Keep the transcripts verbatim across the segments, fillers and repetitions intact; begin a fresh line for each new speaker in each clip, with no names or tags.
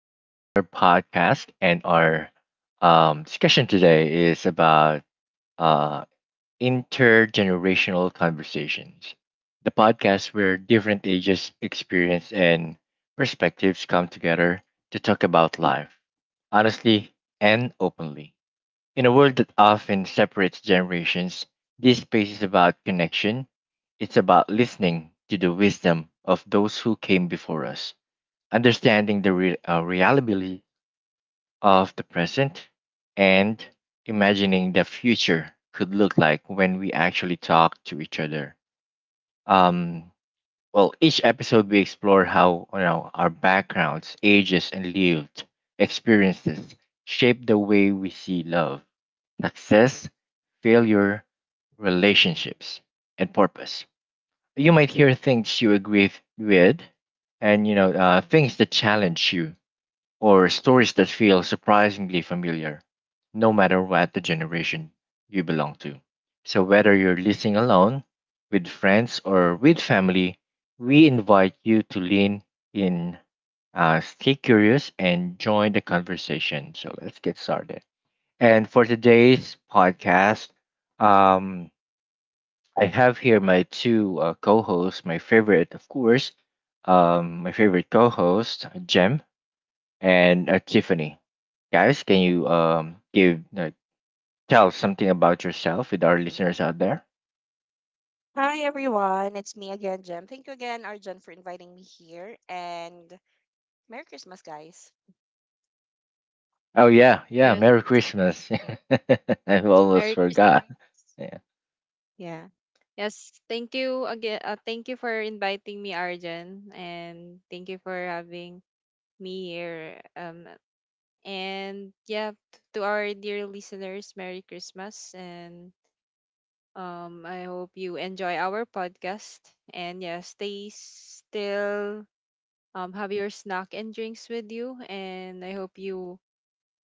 Welcome to our podcast. And our um, discussion today is about uh, intergenerational conversations, the podcast where different ages, experience, and perspectives come together to talk about life honestly and openly. In a world that often separates generations, this space is about connection. It's about listening to the wisdom of those who came before us, understanding the re- uh, reality of the present, and imagining the future could look like when we actually talk to each other. Um, well, each episode we explore how you know our backgrounds, ages, and lived experiences shape the way we see love, success, failure, relationships, and purpose. You might hear things you agree with, and you know uh, things that challenge you, or stories that feel surprisingly familiar, no matter what the generation you belong to. So, whether you're listening alone, with friends, or with family, we invite you to lean in, uh, stay curious, and join the conversation. So, let's get started. And for today's podcast, um, I have here my two uh, co hosts, my favorite, of course, um, my favorite co host, Jem. And uh, Tiffany, guys, can you um give uh, tell something about yourself with our listeners out there?
Hi everyone, it's me again, Jem. Thank you again, Arjun, for inviting me here. And Merry Christmas, guys.
Oh yeah, yeah.
Yes.
Merry Christmas. I almost
Merry Christmas.
forgot. Yeah.
Yeah,
Yes. Thank you again. Uh, thank you for inviting me, Arjan, and thank you for having me here. Um, and yeah, t- to our dear listeners, Merry Christmas, and um, I hope you enjoy our podcast. And yeah, stay still. Um, have your snack and drinks with you, and I hope you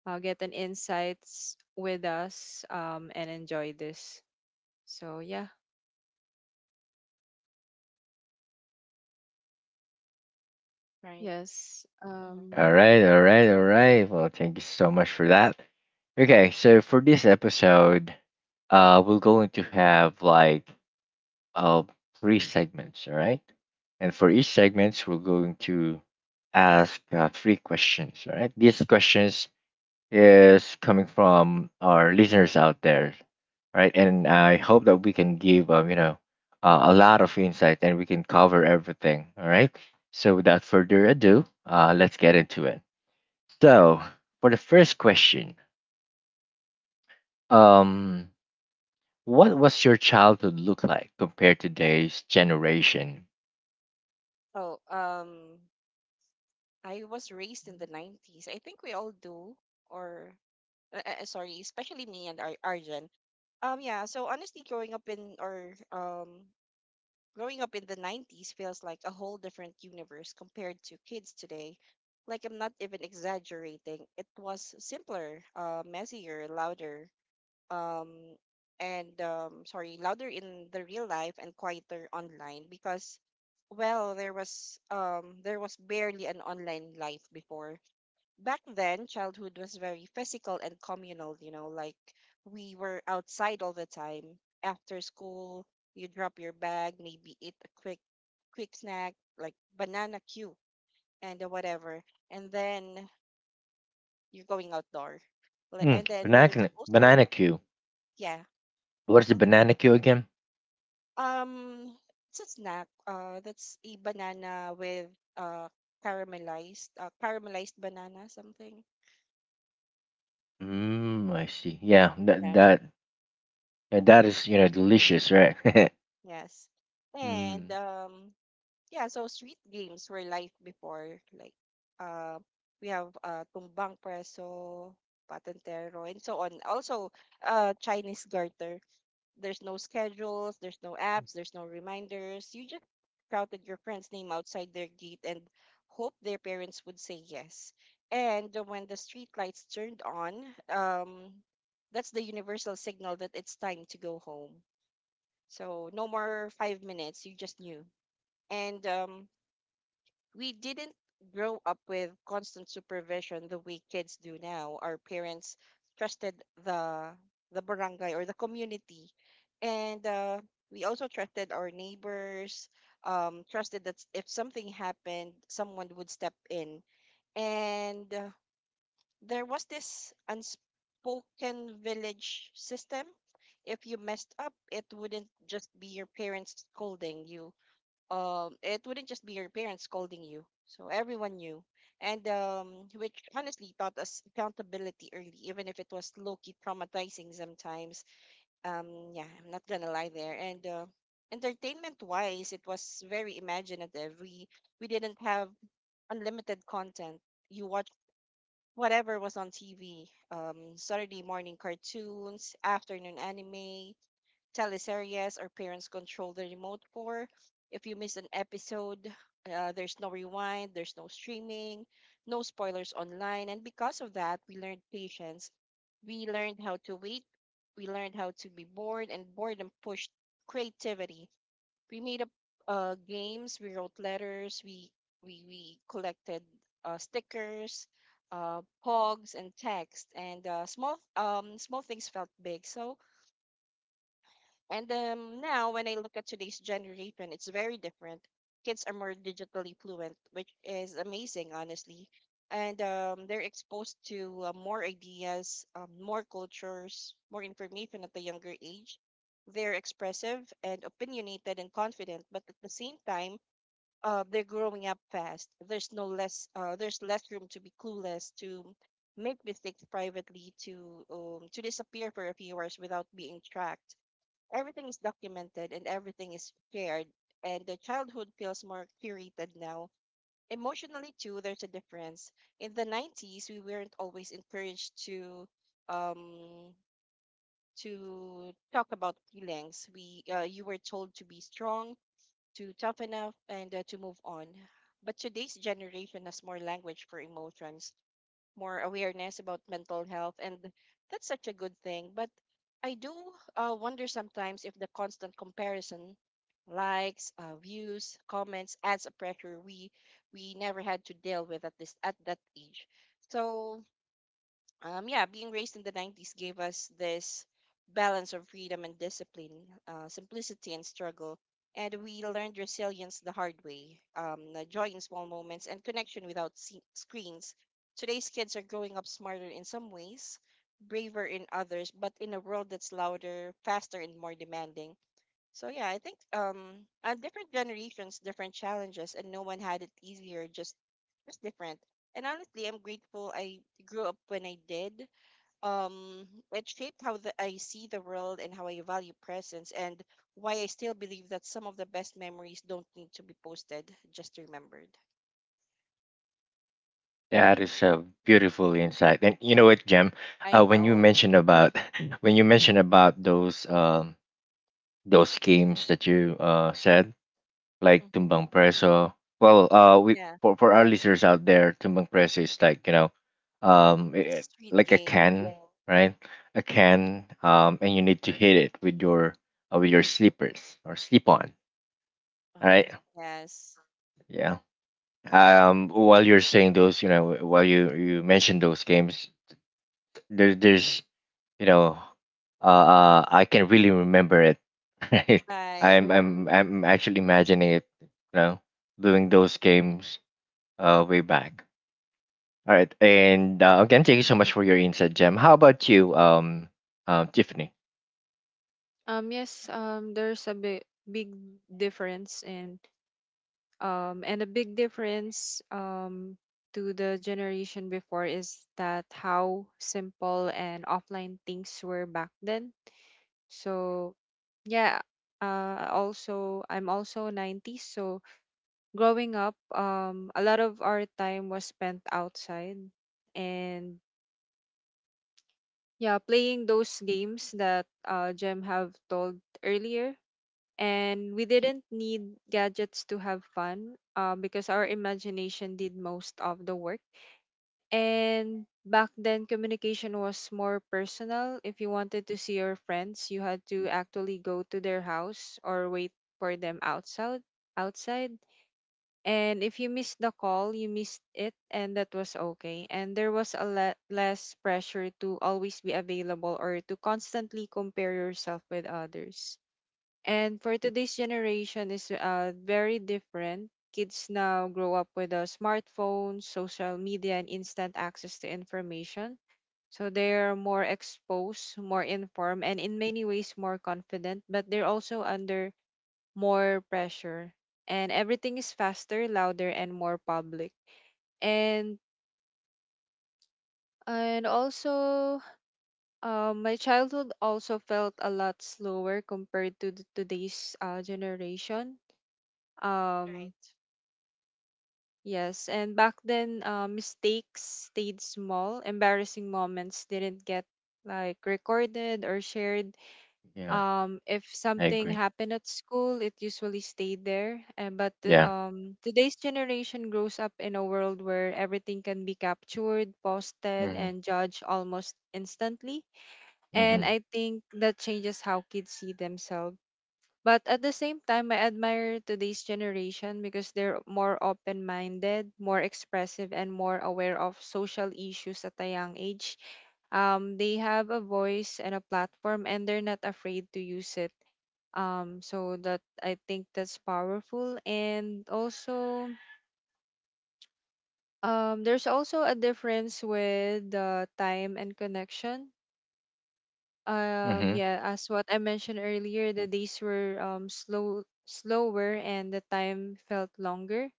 uh, get an insights with us. Um, and enjoy this. So yeah.
right.
Yes.
hmm
All
Um,
right, all right, all right. Well, thank you so much for that. Okay, so for this episode, uh, we're going to have like uh three segments. All right, and for each segment, we're going to ask uh, three questions. All right, these questions is coming from our listeners out there, right? And I hope that we can give um, you know uh, a lot of insight, and we can cover everything. All right. So without further ado, uh, let's get into it. So for the first question, um, what was your childhood look like compared to today's generation?
Oh, um, I was raised in the nineties. I think we all do, or uh, uh, sorry, especially me and Ar- Arjun. Um, yeah. So honestly, growing up in or um, growing up in the nineties feels like a whole different universe compared to kids today. Like I'm not even exaggerating. It was simpler, uh, messier, louder, um, and um, sorry, louder in the real life and quieter online because, well, there was um, there was barely an online life before. Back then, childhood was very physical and communal. You know, like we were outside all the time. After school, you drop your bag, maybe eat a quick quick snack like banana cue and uh, whatever, and then you're going outdoor. Like,
Mm,
and then there's
banana,
also
banana queue.
yeah.
What is the banana queue again?
Um, it's a snack. Uh, that's a banana with uh caramelized uh, caramelized banana something.
Mm, I see. Yeah, that
Yeah.
that yeah, that is you know delicious, right?
Yes. And
Mm.
um yeah, so street games were life before, like uh we have uh tumbang preso, patentero, and so on. Also uh Chinese garter. There's no schedules, there's no apps, there's no reminders. You just shouted your friend's name outside their gate and hoped their parents would say yes. And when the street lights turned on, um, that's the universal signal that it's time to go home. So no more five minutes. You just knew. And um, we didn't grow up with constant supervision the way kids do now. Our parents trusted the the barangay or the community, and uh, we also trusted our neighbors. Um, trusted that if something happened, someone would step in. And uh, there was this unspoken village system. If you messed up, it wouldn't just be your parents scolding you um, It wouldn't just be your parents scolding you. So everyone knew, and um, which honestly taught us accountability early, even if it was low key traumatizing sometimes. Um, yeah, I'm not gonna lie there. And uh, entertainment wise, it was very imaginative. We we didn't have unlimited content. You watch whatever was on T V. Um, Saturday morning cartoons, afternoon anime, teleseries or parents control the remote for. If you miss an episode, uh, there's no rewind, there's no streaming, no spoilers online. And because of that, we learned patience. We learned how to wait. We learned how to be bored, and boredom pushed creativity. We made up uh, games, we wrote letters, we, we, we collected uh, stickers, uh, pogs, and text. And uh, small, um, small things felt big. So and um, now, when I look at today's generation, it's very different. Kids are more digitally fluent, which is amazing, honestly. And um, they're exposed to uh, more ideas, um, more cultures, more information at a younger age. They're expressive and opinionated and confident, but at the same time, uh, they're growing up fast. There's no less, uh, there's less room to be clueless, to make mistakes privately, to um, to disappear for a few hours without being tracked. Everything is documented and everything is shared, and the childhood feels more curated now. Emotionally too, there's a difference. In the nineties, we weren't always encouraged to um to talk about feelings. We uh, you were told to be strong, to toughen up, and uh, to move on. But today's generation has more language for emotions, more awareness about mental health, and that's such a good thing. But I do uh, wonder sometimes if the constant comparison, likes, uh, views, comments, adds a pressure we we never had to deal with at this at that age. So um, yeah, being raised in the nineties gave us this balance of freedom and discipline, uh, simplicity and struggle. And we learned resilience the hard way, um, the joy in small moments, and connection without se- screens. Today's kids are growing up smarter in some ways, braver in others, but in a world that's louder, faster, and more demanding. So yeah, I think um and different generations, different challenges, and no one had it easier, just just different. And honestly, I'm grateful I grew up when I did. Um, it shaped how the, I see the world and how I value presence, and why I still believe that some of the best memories don't need to be posted, just remembered.
That is a beautiful insight. And you know what, Jem?
I
Uh, when you
know.
mentioned about when you mentioned about those um those games that you uh said, like
Hmm
Tumbang Preso. Well, uh, we
Yeah,
for for our listeners out there, Tumbang Preso is like, you know, um,
it's
i-
a
i-
street
like a
game.
can, right? A can, um, and you need to hit it with your uh, with your slippers or slip on,
Uh-huh.
right?
Yes.
Yeah. Um, while you're saying those, you know, while you you mentioned those games, there there's you know uh, uh I can really remember it. Right,
Right.
i'm i'm i'm actually imagining it, you know doing those games uh way back. All right. And uh, again, thank you so much for your insight, Jem. How about you, um uh, Tiffany?
um, yes, um, there's a big, big difference in, um, and a big difference, um, to the generation before is that how simple and offline things were back then. So, yeah, uh, also, I'm also nineties, so growing up, um, a lot of our time was spent outside and yeah, playing those games that uh, Jem have told earlier, and we didn't need gadgets to have fun uh, because our imagination did most of the work. And back then, communication was more personal. If you wanted to see your friends, you had to actually go to their house or wait for them outside. Outside, and if you missed the call, you missed it, and that was okay. And there was a lot less pressure to always be available or to constantly compare yourself with others. And for today's generation is uh, very different. Kids now grow up with uh, smartphones, social media, and instant access to information. So they are more exposed, more informed, and in many ways more confident, but they're also under more pressure. And everything is faster, louder, and more public. And and also, uh, my childhood also felt a lot slower compared to the, today's uh, generation. Um,
Right.
Yes, and back then, uh, mistakes stayed small. Embarrassing moments didn't get like recorded or shared.
Yeah,
Um, if
I
something
agree.
happened at school, it usually stayed there. And but the
Yeah.
um, today's generation grows up in a world where everything can be captured, posted,
Mm-hmm.
and judged almost instantly. And
Mm-hmm.
I think that changes how kids see themselves. But at the same time, I admire today's generation because they're more open minded, more expressive, and more aware of social issues at a young age. Um, they have a voice and a platform, and they're not afraid to use it. Um, so that I think that's powerful. And also, um, there's also a difference with the time and connection. Um,
Mm-hmm.
yeah, as what I mentioned earlier, the days were um slow, slower, and the time felt longer.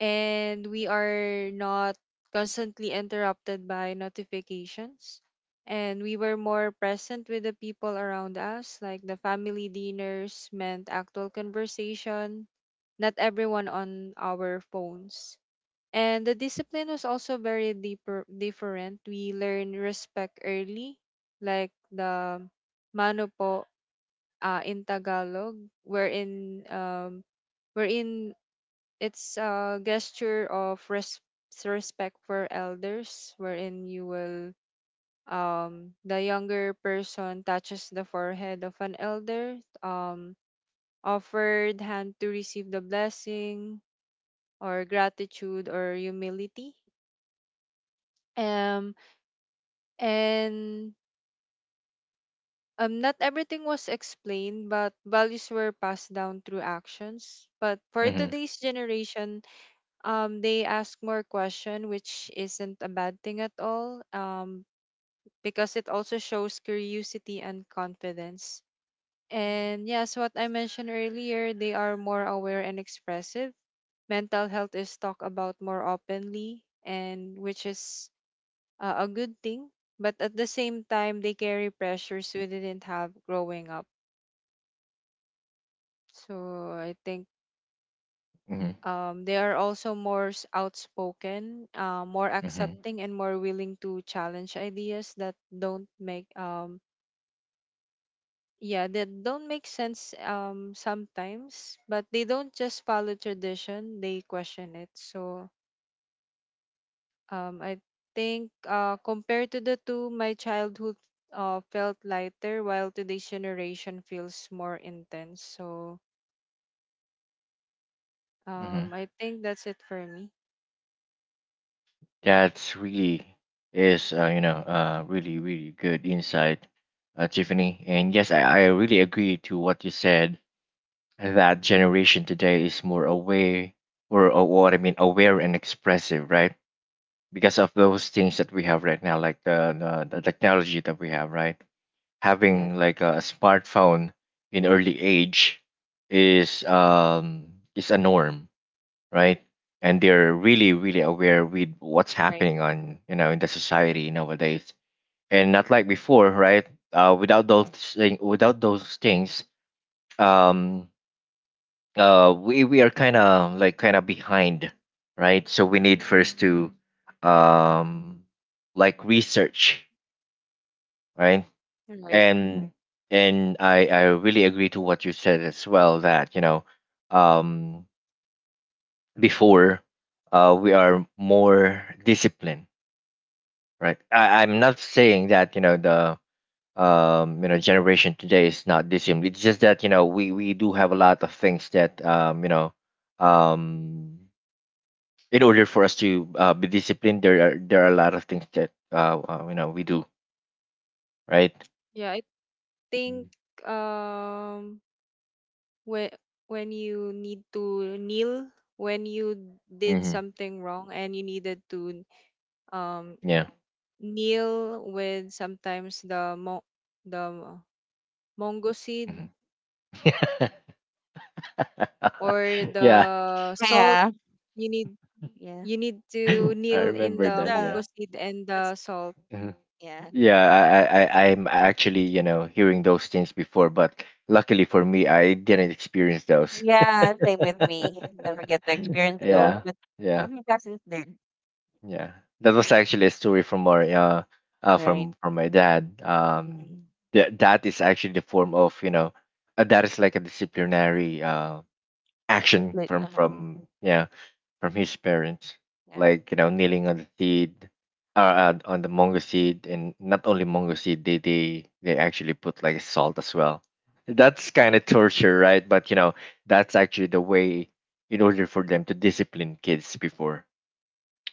And we are not constantly interrupted by notifications. And we were more present with the people around us, like the family dinners meant actual conversation, not everyone on our phones. And the discipline was also very deeper, different. We learn respect early, like the mano po uh, in Tagalog, wherein um, wherein it's a gesture of res- respect for elders, wherein you will um, the younger person touches the forehead of an elder, um, offered hand to receive the blessing or gratitude or humility. Um, And um, not everything was explained, but values were passed down through actions. But for
Mm-hmm.
today's generation, um, they ask more question, which isn't a bad thing at all, um, because it also shows curiosity and confidence.
hmm
And yes, what I mentioned earlier, they are more aware and expressive. Mental health is talked about more openly, and which is uh, a good thing, but at the same time, they carry pressures we didn't have growing up. So I think
Mm-hmm.
um, they are also more s- outspoken, uh, more
Mm-hmm.
accepting, and more willing to challenge ideas that don't make um yeah that don't make sense um sometimes, but they don't just follow tradition; they question it. So. Um, I think uh, compared to the two, my childhood uh, felt lighter, while today's generation feels more intense. So um,
Mm-hmm.
I think that's it for me.
That's really is uh, you know uh really really good insight, uh, Tiffany. And yes, I, I really agree to what you said, that generation today is more aware, or, or what I mean, aware and expressive, right? Because of those things that we have right now, like the the, the technology that we have, right?
Yes.
Having like a smartphone in early age is um is a norm, right? And they're really really aware with what's
Right,
happening on, you know in the society nowadays, and not like before, right? Uh, without those thing, without those things, um uh we we are kind of like kind of behind, right? So we need first to um like research, right.
right.
And and i i really agree to what you said as well, that, you know um before, uh we are more disciplined, right. I, i'm not saying that you know the, um you know generation today is not disciplined, it's just that you know we we do have a lot of things that, um you know um in order for us to uh, be disciplined, there are there are a lot of things that uh, uh you know we do, right?
Yeah, I
Mhm.
think um when when you need to kneel when you did
Hmm.
something wrong and you needed to um
Yeah.
kneel with sometimes the mo the mongo seed,
Hmm.
or the
Yeah.
salt,
Yeah.
you need you
Yeah.
need to kneel
I
in
remember
the
That's
that.
mango
Yeah.
the
seed and the
that's
salt.
Mhm.
yeah.
Yeah. I, I I- I'm actually you know hearing those things before, but luckily for me, I didn't experience those.
Yeah, same with me. Never get to experience those,
Yeah.
but
Yeah.
what my cousins did,
Yeah, that was actually a story from our uh, uh
right?
from from my dad.
Mm-hmm.
Um, that that is actually the form of, you know, uh, that is like a disciplinary uh action
Split.
from
Uh-huh.
from yeah, from his parents,
Yeah.
like you know kneeling on the seed, uh, uh on the mango seed, and not only mango seed, they they they actually put like salt as well. That's kind of
Right.
torture, right? But you know that's actually the way in order for them to discipline kids before,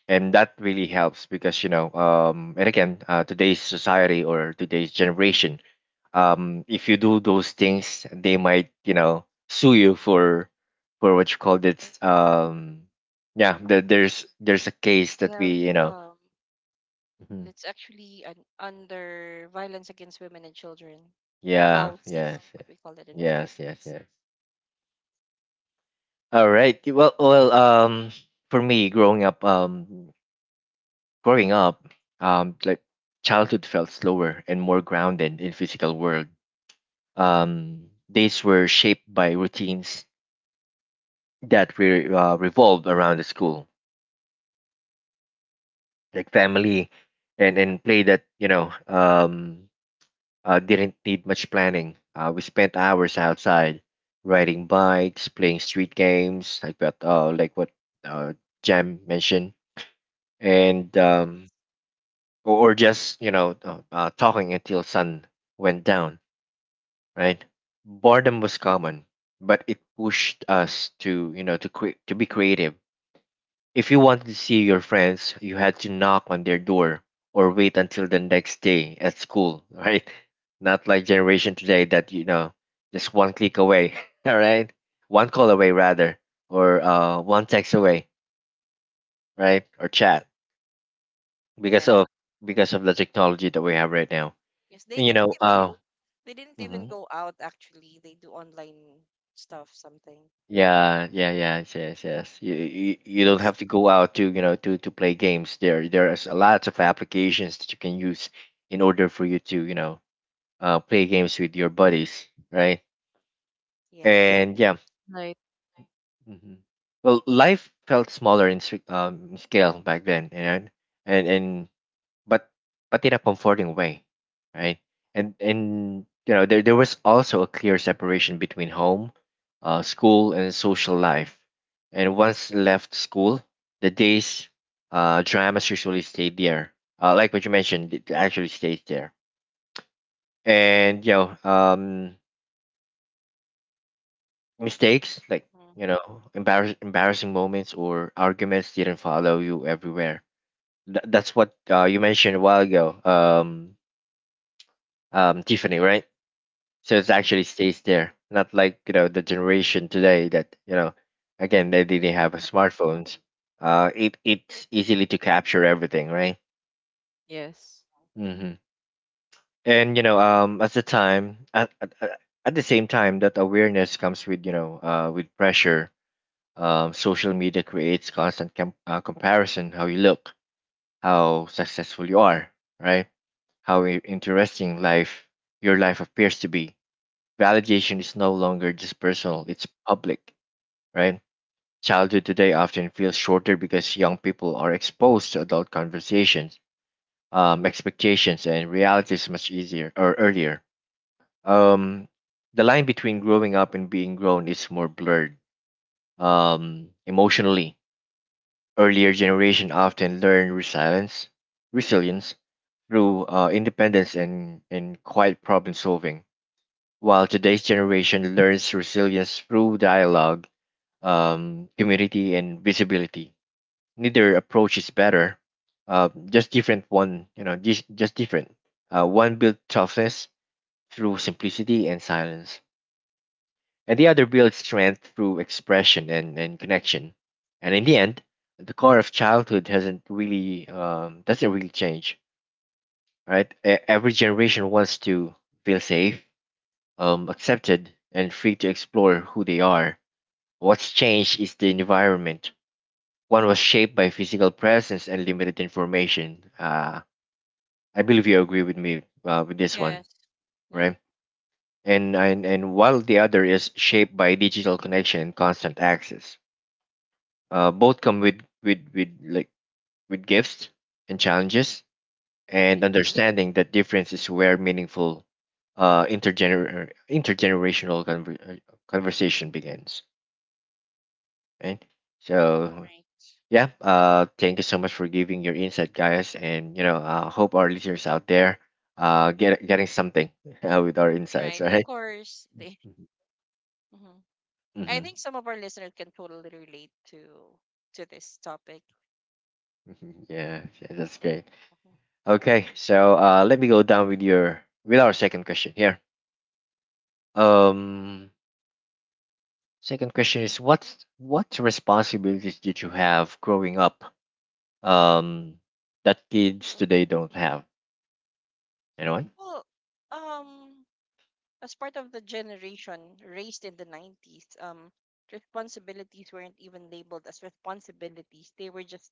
and that really helps because, you know um and again, uh, today's society or today's generation, um if you do those things they might you know sue you for for what you call this, um yeah, the,
Um,
there's there's a case
we
that
have
we you know
um
Mhm.
it's actually an under violence against women and children,
Yeah.
V A U C,
Yes,
what we call it in the
yes. Yes, yes,
Philippines.
yes. All right, well well um, for me growing up, um growing up um like childhood felt slower and more grounded in physical world. Um, days were shaped by routines that re- uh, revolved around the school, like family, and, and play, that, you know, um, uh, didn't need much planning. Uh, we spent hours outside riding bikes, playing street games, like what, uh, like what uh, Jam mentioned. And um,
Yes.
or, or just, you know, uh, uh, talking until sun went down, right? Boredom was common, but it pushed us to, you know, to cre- to be creative. If you wanted to see your friends, you had to knock on their door or wait until the next day at school, right? Not like generation today, that, you know just one click away, all right? One call away rather, or uh, one text away, right? Or chat
You're
because
right.
of because of the technology that we have right now.
Yes, they
And, you
didn't
know,
even
uh,
they didn't even
mhm.
go out actually. They do online stuff something.
Yeah, yeah, yeah, yes, yes. You, you you don't
Yes.
have to go out to you know to to play games. There there is a lot of applications that you can use in order for you to, you know uh, play games with your buddies, right?
Yes.
And yeah,
Right.
hmm well, life felt smaller in sc- um, scale back then, you know, and and but but in a comforting way, right? And and you know there there was also a clear separation between home, uh, school, and social life. And once left school, the days uh, dramas usually stayed there. Uh, like what you mentioned, it actually stays there. And, you know, um, mistakes, like
hmm
you know embarrass- embarrassing moments or arguments didn't follow you everywhere. Th- that's what uh, you mentioned a while ago, um, um, Tiffany, right? So it actually stays there, not like you know the generation today, that you know again, they didn't have smartphones, uh it it's easily to capture everything, right?
Yes.
hmm and, you know um at the time at, at, at at the same time, that awareness comes with you know uh with pressure. Um social media creates constant com- uh, comparison, how you look, how successful you are, right, how i- interesting life your life appears to be. Validation is no longer just personal,
Yes.
it's public, right? Childhood today often feels shorter because young people are exposed to adult conversations, um, expectations, and realities much easier or earlier. Um, the line between growing up and being grown is more blurred. Um, emotionally, earlier generation often learn resilience, resilience through uh, independence and, and quiet problem solving, while today's generation learns resilience through dialogue, um, community, and visibility. Neither approach is better, uh, just different, one, you know just, just different. Uh, one builds toughness through simplicity and silence, and the other builds strength through expression and, and connection. And in the end, the core of childhood hasn't really um, doesn't really change, right? E- every generation wants to feel safe, um, accepted, and free to explore who they are. What's changed is the environment. One was shaped by physical presence and limited information, uh, I believe you agree with me, uh, with this one,
Yes. Yeah.
right? And, and and while the other is shaped by digital connection and constant access, uh, both come with with with like with gifts and challenges, and
Right.
understanding that difference is where meaningful, uh, intergener- intergenerational conver- uh, conversation begins, right? So
Right.
yeah, uh, thank you so much for giving your insight, guys, and, you know, I hope our listeners out there uh, get getting something, uh, with our insights,
Right. Of
right?
course. They,
Mhm.
Mhm. I
Mhm.
think some of our listeners can totally relate to to this topic.
Yeah, yeah, that's great.
Mhm.
Okay, so uh, let me go down with your with our second question here. Um, second question is what what responsibilities did you have growing up? Um, that kids today don't have. You know what?
Well, um, as part of the generation raised in the nineties, um, responsibilities weren't even labeled as responsibilities. They were just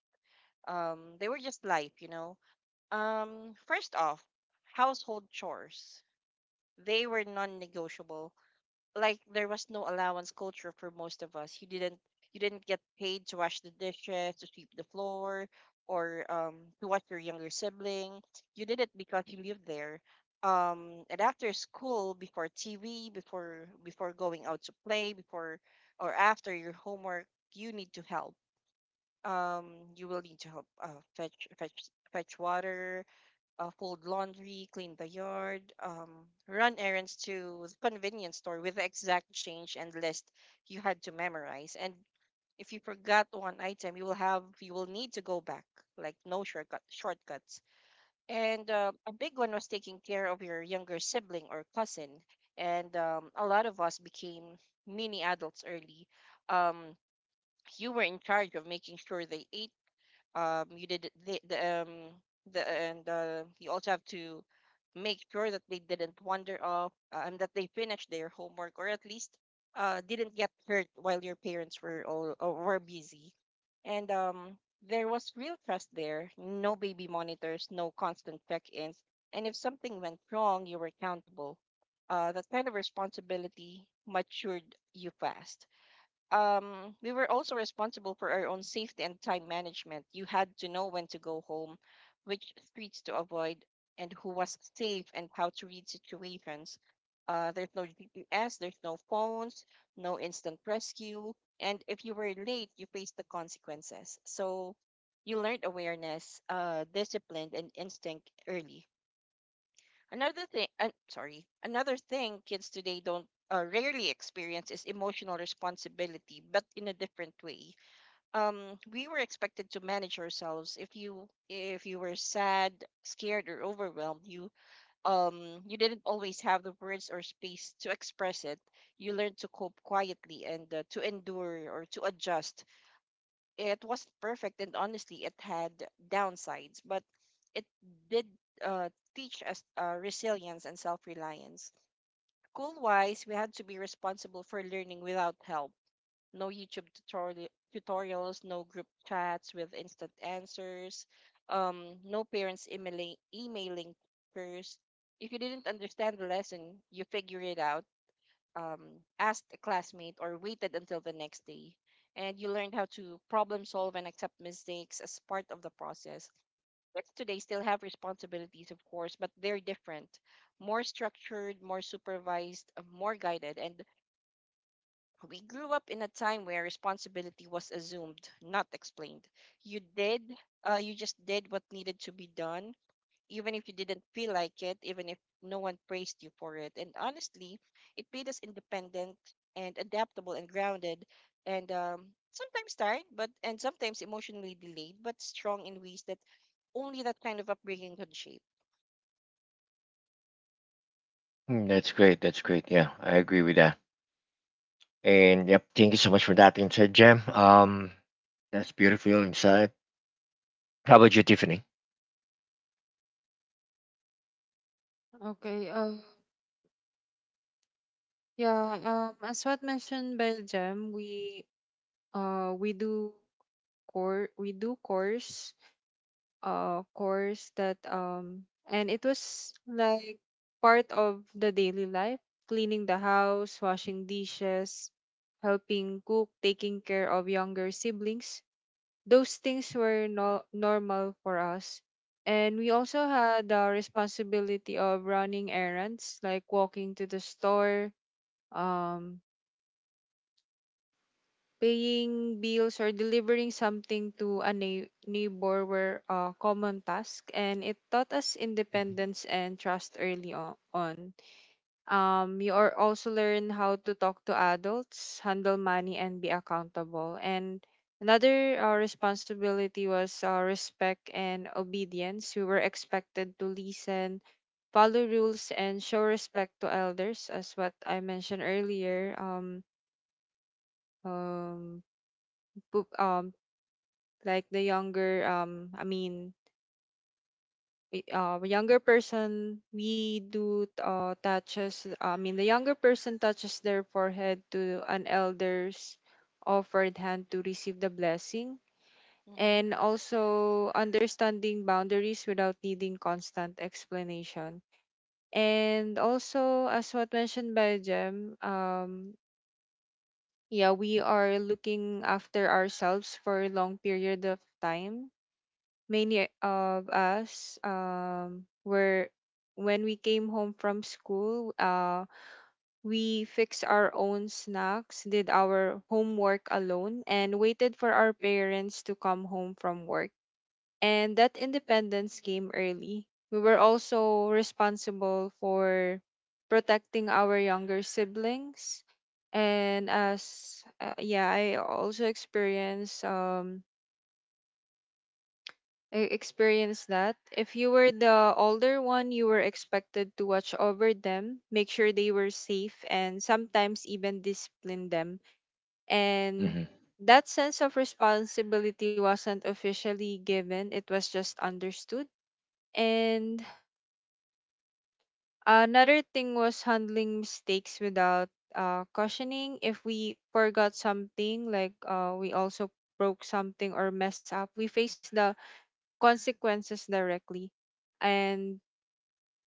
um, they were just life, you know. Um, first off, household chores. They were non-negotiable. Like there was no allowance culture for most of us. You didn't you didn't get paid to wash the dishes, to sweep the floor, or um to watch your younger sibling. You did it because you lived there. Um, and after school, before T V, before before going out to play, before or after your homework, you need to help. Um, you will need to help, uh, fetch fetch fetch water, uh, fold laundry, clean the yard, um, run errands to the convenience store with the exact change and list you had to memorize. And if you forgot one item, you will have you will need to go back, like no shortcut shortcuts. And uh, a big one was taking care of your younger sibling or cousin. And um, a lot of us became mini adults early. Um, you were in charge of making sure they ate. Um, you did the, the um the and uh, you also have to make sure that they didn't wander off, uh, and that they finished their homework, or at least uh, didn't get hurt while your parents were all uh, were busy. And um there was real trust there. No baby monitors, no constant check-ins. And if something went wrong, you were accountable. uh, that kind of responsibility matured you fast. um, we were also responsible for our own safety and time management. You had to know when to go home, which streets to avoid, and who was safe, and how to read situations. Uh, there's no G P S, there's no phones, no instant rescue. And if you were late, you faced the consequences. So you learned awareness, uh, discipline, and instinct early. Another thing, uh, sorry, another thing kids today don't uh, rarely experience is emotional responsibility, but in a different way. Um, we were expected to manage ourselves. If you if you were sad, scared, or overwhelmed, you um you didn't always have the words or space to express it. You learned to cope quietly and uh, to endure or to adjust. It wasn't perfect, and honestly, it had downsides, but it did uh, teach us uh, resilience and self-reliance. School wise, we had to be responsible for learning without help. No youtube tutorial tutorials no group chats with instant answers, um, no parents emailing emailing teachers. If you didn't understand the lesson, you figure it out, um, asked a classmate, or waited until the next day. And you learned how to problem solve and accept mistakes as part of the process. Kids today still have responsibilities, of course, but they're different, more structured, more supervised, uh, more guided. And we grew up in a time where responsibility was assumed, not explained. You did, uh, you just did what needed to be done, even if you didn't feel like it, even if no one praised you for it. And honestly, it made us independent and adaptable and grounded, and um, sometimes tired, but and sometimes emotionally delayed, but strong in ways that only that kind of upbringing could shape.
Hmm, that's great. That's great. Yeah, I agree with that. And yep, thank you so much for that insight, Jam. Um, that's beautiful insight. How about you, Tiffany?
Okay. Uh, yeah. Um, as what mentioned by Jem, we uh we do course we do course uh course that um and it was like part of the daily life, cleaning the house, washing dishes, helping cook, taking care of younger siblings. Those things were no- normal for us. And we also had the responsibility of running errands, like walking to the store, um, paying bills, or delivering something to a nei- neighbor were uh, common tasks. And it taught us independence and trust early o- on. Um, you are also learn how to talk to adults, handle money, and be accountable. And another uh, responsibility was uh, respect and obedience. We were expected to listen, follow rules, and show respect to elders, as what I mentioned earlier. Um, um, pu- um, like the younger, um, I mean, y- uh, younger person we do uh, touches I mean the younger person touches their forehead to an elder's offered hand to receive the blessing
Mm-hmm.
and also understanding boundaries without needing constant explanation. And also, as what mentioned by jem um yeah we are looking after ourselves for a long period of time. Many of us um, were when we came home from school, uh, we fixed our own snacks, did our homework alone, and waited for our parents to come home from work. And that independence came early. We were also responsible for protecting our younger siblings. And as uh, yeah, I also experienced um e- experience that. If you were the older one, you were expected to watch over them, make sure they were safe, and sometimes even discipline them. And
Mm-hmm.
that sense of responsibility wasn't officially given, it was just understood. And another thing was handling mistakes without uh, cautioning. If we forgot something, like uh, we also broke something or mess up, we face the consequences directly, and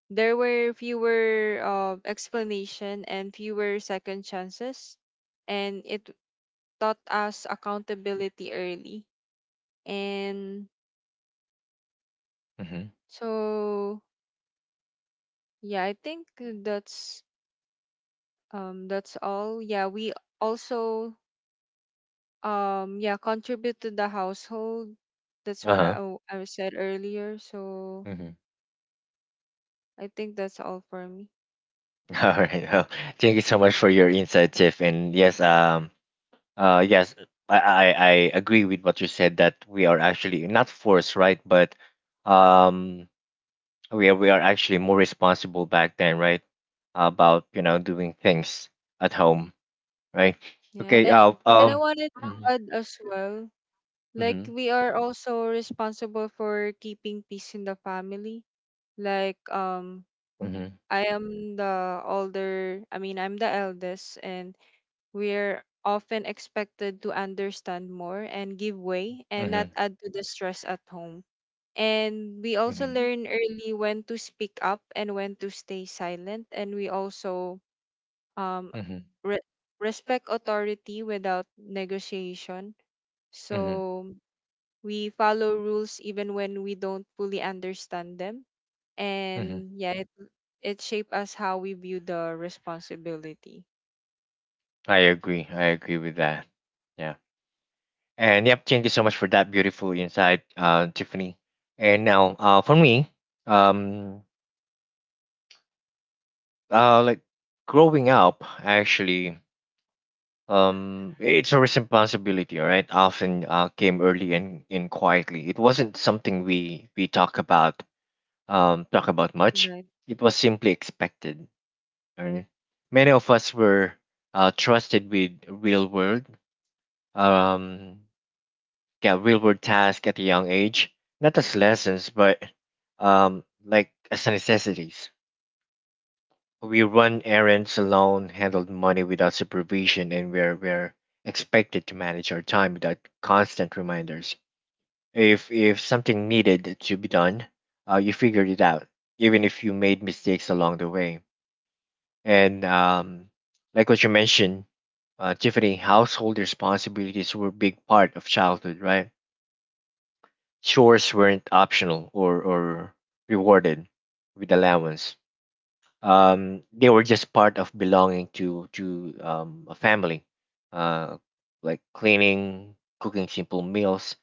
there were fewer uh, explanation and fewer second chances, and it taught us accountability early. And
Mm-hmm.
so, yeah, I think
Mm-hmm.
that's um that's all. Yeah, we also um yeah contribute to the household. That's what I
Uh
w- I said earlier. So
huh.
I think that's all for me.
All right. Well, thank you so much for your insight, Tiff. And yes, um, uh, yes, I, I, I agree with what you said that we are actually not forced, right? But um, we are we are actually more responsible back then, right? About you know doing things at home, right?
Yeah, and
Okay.
I,
Uh,
and I
um.
wanted to add as well. Like,
Mhm.
we are also responsible for keeping peace in the family. Like, um
Mhm.
I am the older, I mean I'm the eldest, and we're often expected to understand more and give way and
Mhm.
not
Mhm.
add to the stress at home. And we also
Mhm.
learn early when to speak up and when to stay silent, and we also um
Mhm.
re- respect authority without negotiation.
Mhm.
So we follow rules even when we don't fully understand them.
Mhm.
And yeah, it, it shaped us how we view the responsibility.
I agree. I agree with that. Yeah. And yep, thank you so much for that beautiful insight, uh, Tiffany. And now, uh, for me, um, uh, like growing up, actually, um, it's a responsibility, all right? Often uh, came early and in quietly. It wasn't something we we talk about, um, talk about much.
Right.
It was simply expected. All right? Many of us were uh, trusted with real world, um, get real-world tasks at a young age, not as lessons, but um, like as necessities. We run errands alone, handle money without supervision, and we're we're expected to manage our time without constant reminders. If if something needed to be done, uh, you figured it out, even if you made mistakes along the way. And um, like what you mentioned, uh, Tiffany, household responsibilities were a big part of childhood, right? Chores weren't optional or, or rewarded with allowance. Um, they were just part of belonging to to um, a family, uh, like cleaning, cooking simple meals,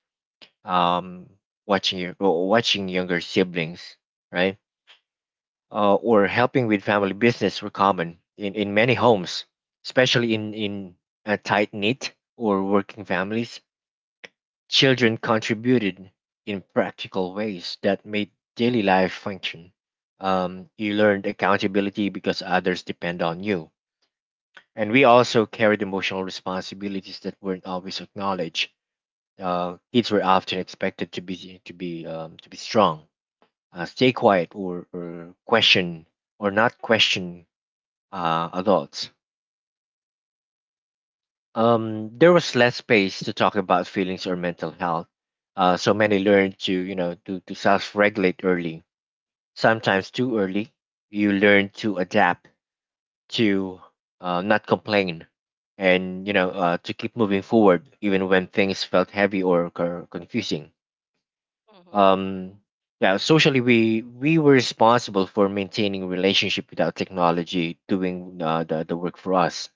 um, watching your or watching younger siblings, right? Uh, or helping with family business were common in, in many homes, especially in in uh, tight knit or working families. Children contributed in practical ways that made daily life function. Um, you learned accountability because others depend on you. And we also carried emotional responsibilities that weren't always acknowledged. Uh, kids were often expected to be to be um, to be strong, uh, stay quiet, or, or question or not question uh, adults. Um, there was less space to talk about feelings or mental health. Uh, so many learned to, you know, to, to self-regulate early, sometimes too early. You learn to adapt, to uh, not complain, and you know, uh, to keep moving forward even when things felt heavy or co- confusing.
hmm
Um, yeah, socially we we were responsible for maintaining relationship without technology doing uh, the the work for us.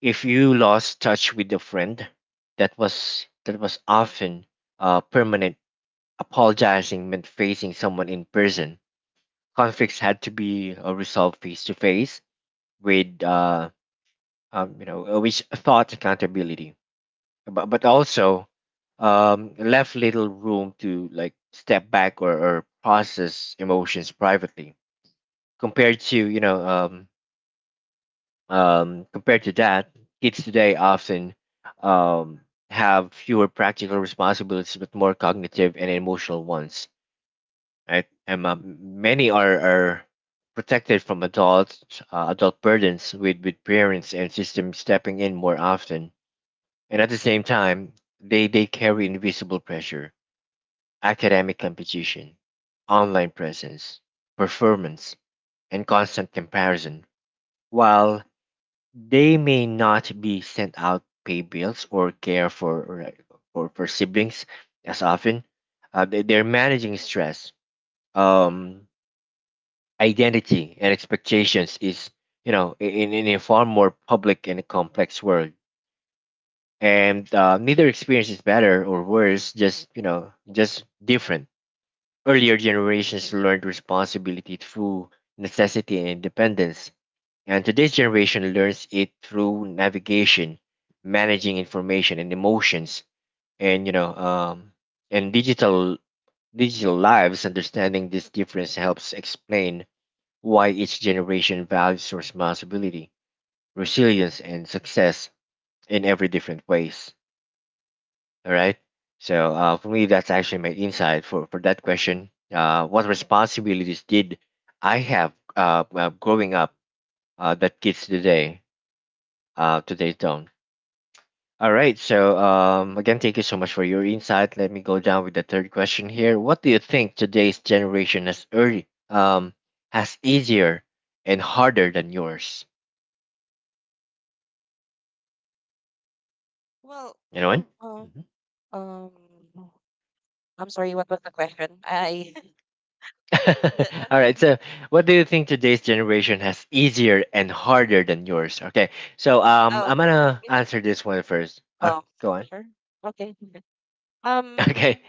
If you lost touch with a friend, that was that was often uh, permanent. Apologizing meant facing someone in person. Conflicts had to be uh, resolved face to face with uh, um, you know uh, which thought accountability, but, but also um, left little room to like step back or, or process emotions privately compared to you know um, Um, compared to that, kids today often um, have fewer practical responsibilities but more cognitive and emotional ones. Right? And um, many are, are protected from adult uh, adult burdens with, with parents and systems stepping in more often. And at the same time, they, they carry invisible pressure, academic competition, online presence, performance, and constant comparison. While they may not be sent out pay bills or care for like, for, for siblings as often. Uh, they, they're managing stress, um, identity, and expectations is you know in, in a far more public and complex world. And uh, neither experience is better or worse, just you know, just different. Earlier generations learned responsibility through necessity and independence. And today's generation learns it through navigation, managing information and emotions, and you know, um, and digital digital lives. Understanding this difference helps explain why each generation values responsibility, resilience, and success in every different ways. All right. So uh, for me, that's actually my insight for for that question. Uh, what responsibilities did I have uh, uh, growing up uh, that kids today uh, today don't? All right. So, um, again, thank you so much for your insight. Let me go down with the third question here. What do you think today's generation has early, um, has easier and harder than yours?
Well,
Anyone?
uh,
Mhm.
um, I'm sorry, what was the question? I
All
the,
right. So, what do you think today's generation has easier and harder than yours? Okay. So, um,
oh,
I'm gonna
I think
answer this one first. Uh,
oh,
go on.
sure. Okay. Um,
Okay.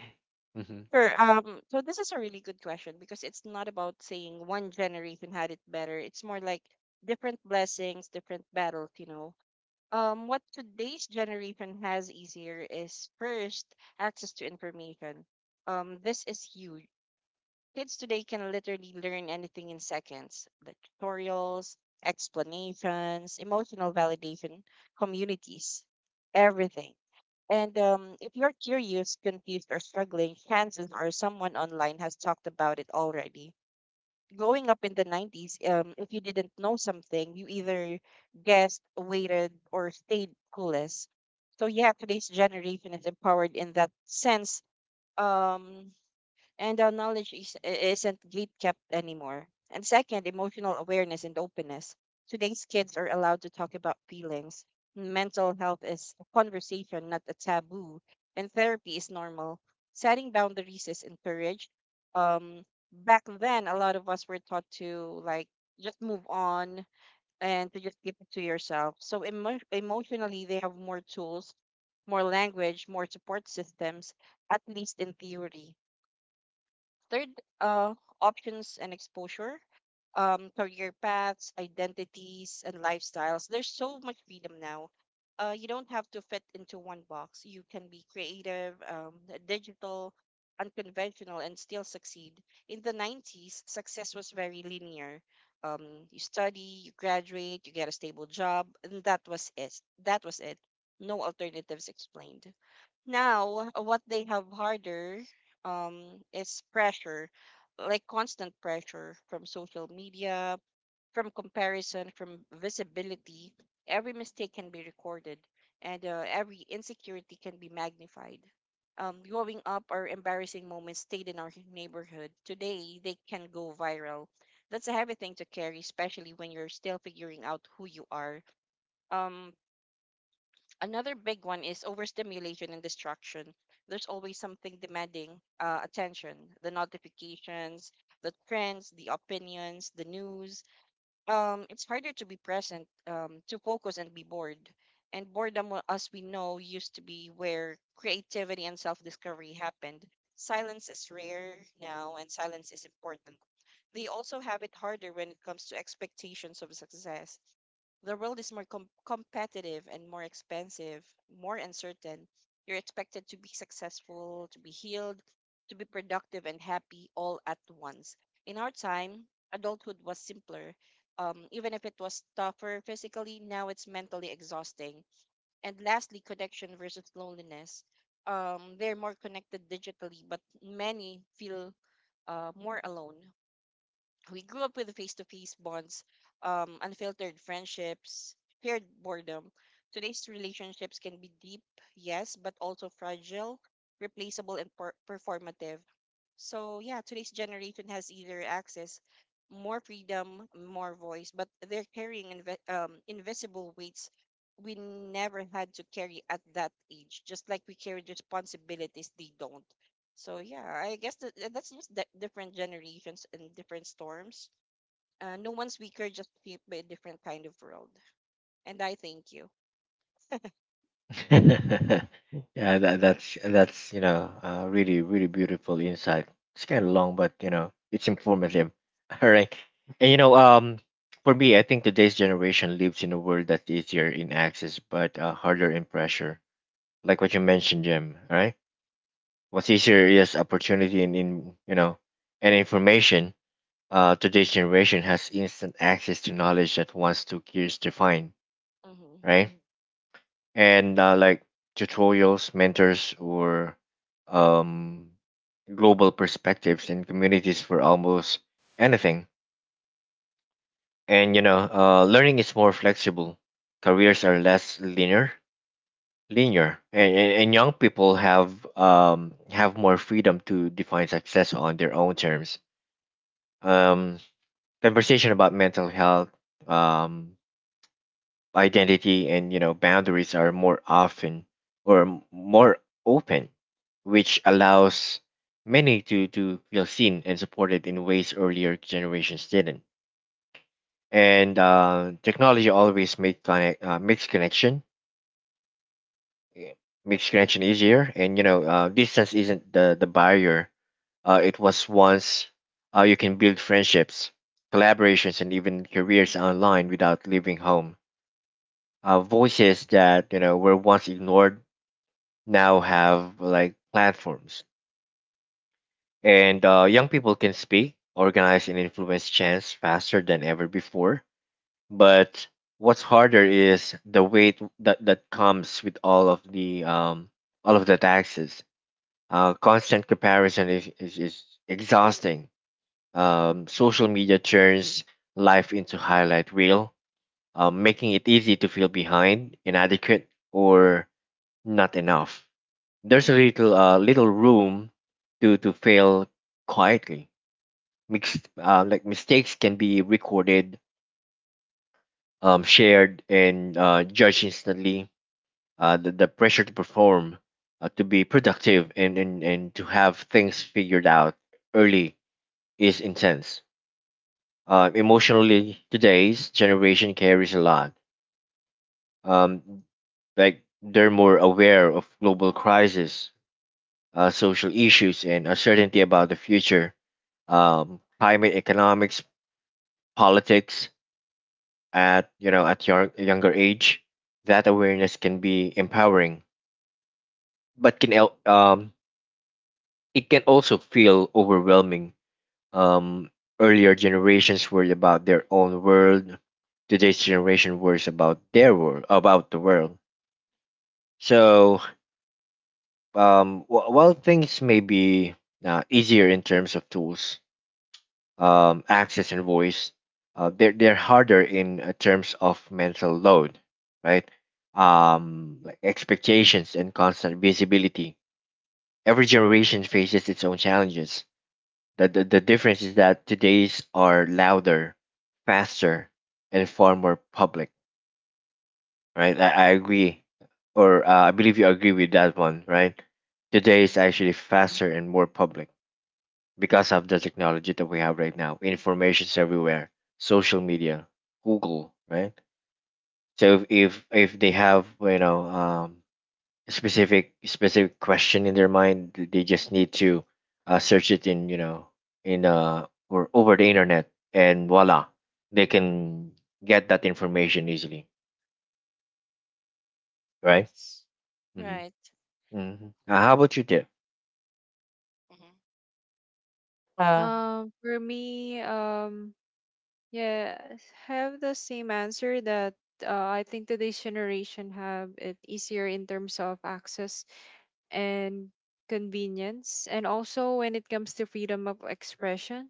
sure. Um, so this is a really good question because it's not about saying one generation had it better. It's more like different blessings, different battles, you know. Um, what today's generation has easier is first access to information. Um, this is huge. Kids today can literally learn anything in seconds, like tutorials, explanations, emotional validation, communities, everything. And um, if you're curious, confused, or struggling, chances are someone online has talked about it already. Growing up in the nineties, um, if you didn't know something, you either guessed, waited, or stayed clueless. So, yeah, today's generation is empowered in that sense. Um, and our knowledge is, isn't gate kept anymore. And second, emotional awareness and openness. Today's kids are allowed to talk about feelings. Mental health is a conversation, not a taboo, and therapy is normal. Setting boundaries is encouraged. Um, Back then, a lot of us were taught to like just move on and to just keep it to yourself. So emo- emotionally, they have more tools, more language, more support systems, at least in theory. Third, uh, options and exposure, um, career paths, identities, and lifestyles. There's so much freedom now. Uh, you don't have to fit into one box. You can be creative, um, digital, unconventional, and still succeed. In the nineties, success was very linear. Um, you study, you graduate, you get a stable job, and that was it. That was it. No alternatives explained now. Uh, what they have harder, um, is pressure, like constant pressure from social media, from comparison, from visibility. Every mistake can be recorded, and uh, every insecurity can be magnified. Um, growing up, our embarrassing moments stayed in our neighborhood. Today, they can go viral. That's a heavy thing to carry, especially when you're still figuring out who you are. Um, Another big one is overstimulation and distraction. There's always something demanding uh, attention, the notifications, the trends, the opinions, the news. Um, it's harder to be present, um, to focus and be bored. And boredom, wa- as we know, used to be where creativity and self discovery happened. Silence is rare now, and silence is important. They also have it harder when it comes to expectations of success. The world is more com- competitive and more expensive, more uncertain. You're expected to be successful, to be healed, to be productive and happy all at once. In our time, adulthood was simpler. Um, even if it was tougher physically, now it's mentally exhausting. And lastly, connection versus loneliness. Um, they're more connected digitally, but many feel uh, more alone. We grew up with face to face bonds, um, unfiltered friendships, shared boredom. Today's relationships can be deep, yes, but also fragile, replaceable, and per- performative. So, yeah, today's generation has either access, more freedom, more voice, but they're carrying inve- um, invisible weights we never had to carry at that age, just like we carry responsibilities they don't. So yeah, I guess that that's just that different generations and different storms. Uh, no one's weaker, just shaped by a different kind of world. And I thank you.
Yeah, that, that's that's you know uh, really really beautiful insight. It's kind of long, but you know it's informative. All right, and you know um, for me, I think today's generation lives in a world that's easier in access but uh, harder in pressure. Like what you mentioned, Jim. All right, what's easier is opportunity and in you know and information. Uh, today's generation has instant access to knowledge that once took years to find.
Mm-hmm.
Right, and uh, like tutorials, mentors, or um, global perspectives and communities for almost anything. And you know, uh, learning is more flexible. Careers are less linear, linear, and, and, and young people have um, have more freedom to define success on their own terms. Um, conversation about mental health, um, identity and you know boundaries are more often or m- more open, which allows many to to feel seen and supported in ways earlier generations didn't. And uh, technology always make connect uh, makes connection eh, makes connection easier, and you know uh, distance isn't the the barrier uh, it was once. Uh, you can build friendships, collaborations, and even careers online without leaving home. Uh, voices that you know were once ignored now have like platforms, and uh, young people can speak, organize, and influence change faster than ever before. But what's harder is the weight that, that comes with all of the um, all of the taxes. Uh, constant comparison is, is, is exhausting. Um, social media turns life into highlight reel, uh, making it easy to feel behind, inadequate, or not enough. There's a little uh, little room to to fail quietly. Mixed, uh, like mistakes can be recorded, um, shared, and uh, judged instantly. Uh, the, the pressure to perform, uh, to be productive, and, and, and to have things figured out early is intense. Uh, emotionally, today's generation carries a lot. Um, like they're more aware of global crisis, uh, social issues, and uncertainty about the future, um, climate, economics, politics at you know at your younger age. That awareness can be empowering, but can el- um, it can also feel overwhelming. Um, earlier generations worried about their own world. Today's generation worries about their world, about the world. So, um, wh- while things may be uh, easier in terms of tools, um, access and voice, uh, they're they're harder in uh, terms of mental load, right? Um, like expectations and constant visibility. Every generation faces its own challenges. The, the the difference is that today's are louder, faster, and far more public, right? I, I agree, or uh, I believe you agree with that one, right? Today is actually faster and more public because of the technology that we have right now. Information's everywhere. Social media, Google, right? So if if, if they have you know um, specific specific question in their mind, th- they just need to uh, search it in you know in uh or over the internet, and voila, they can get that information easily, right?
Yes.
Right.
Mm-hmm. Mm-hmm. How about you, Tiff?
Mm-hmm. Uh,
Um, for me, um, yeah, have the same answer that uh, I think today's generation have it easier in terms of access and convenience, and also when it comes to freedom of expression.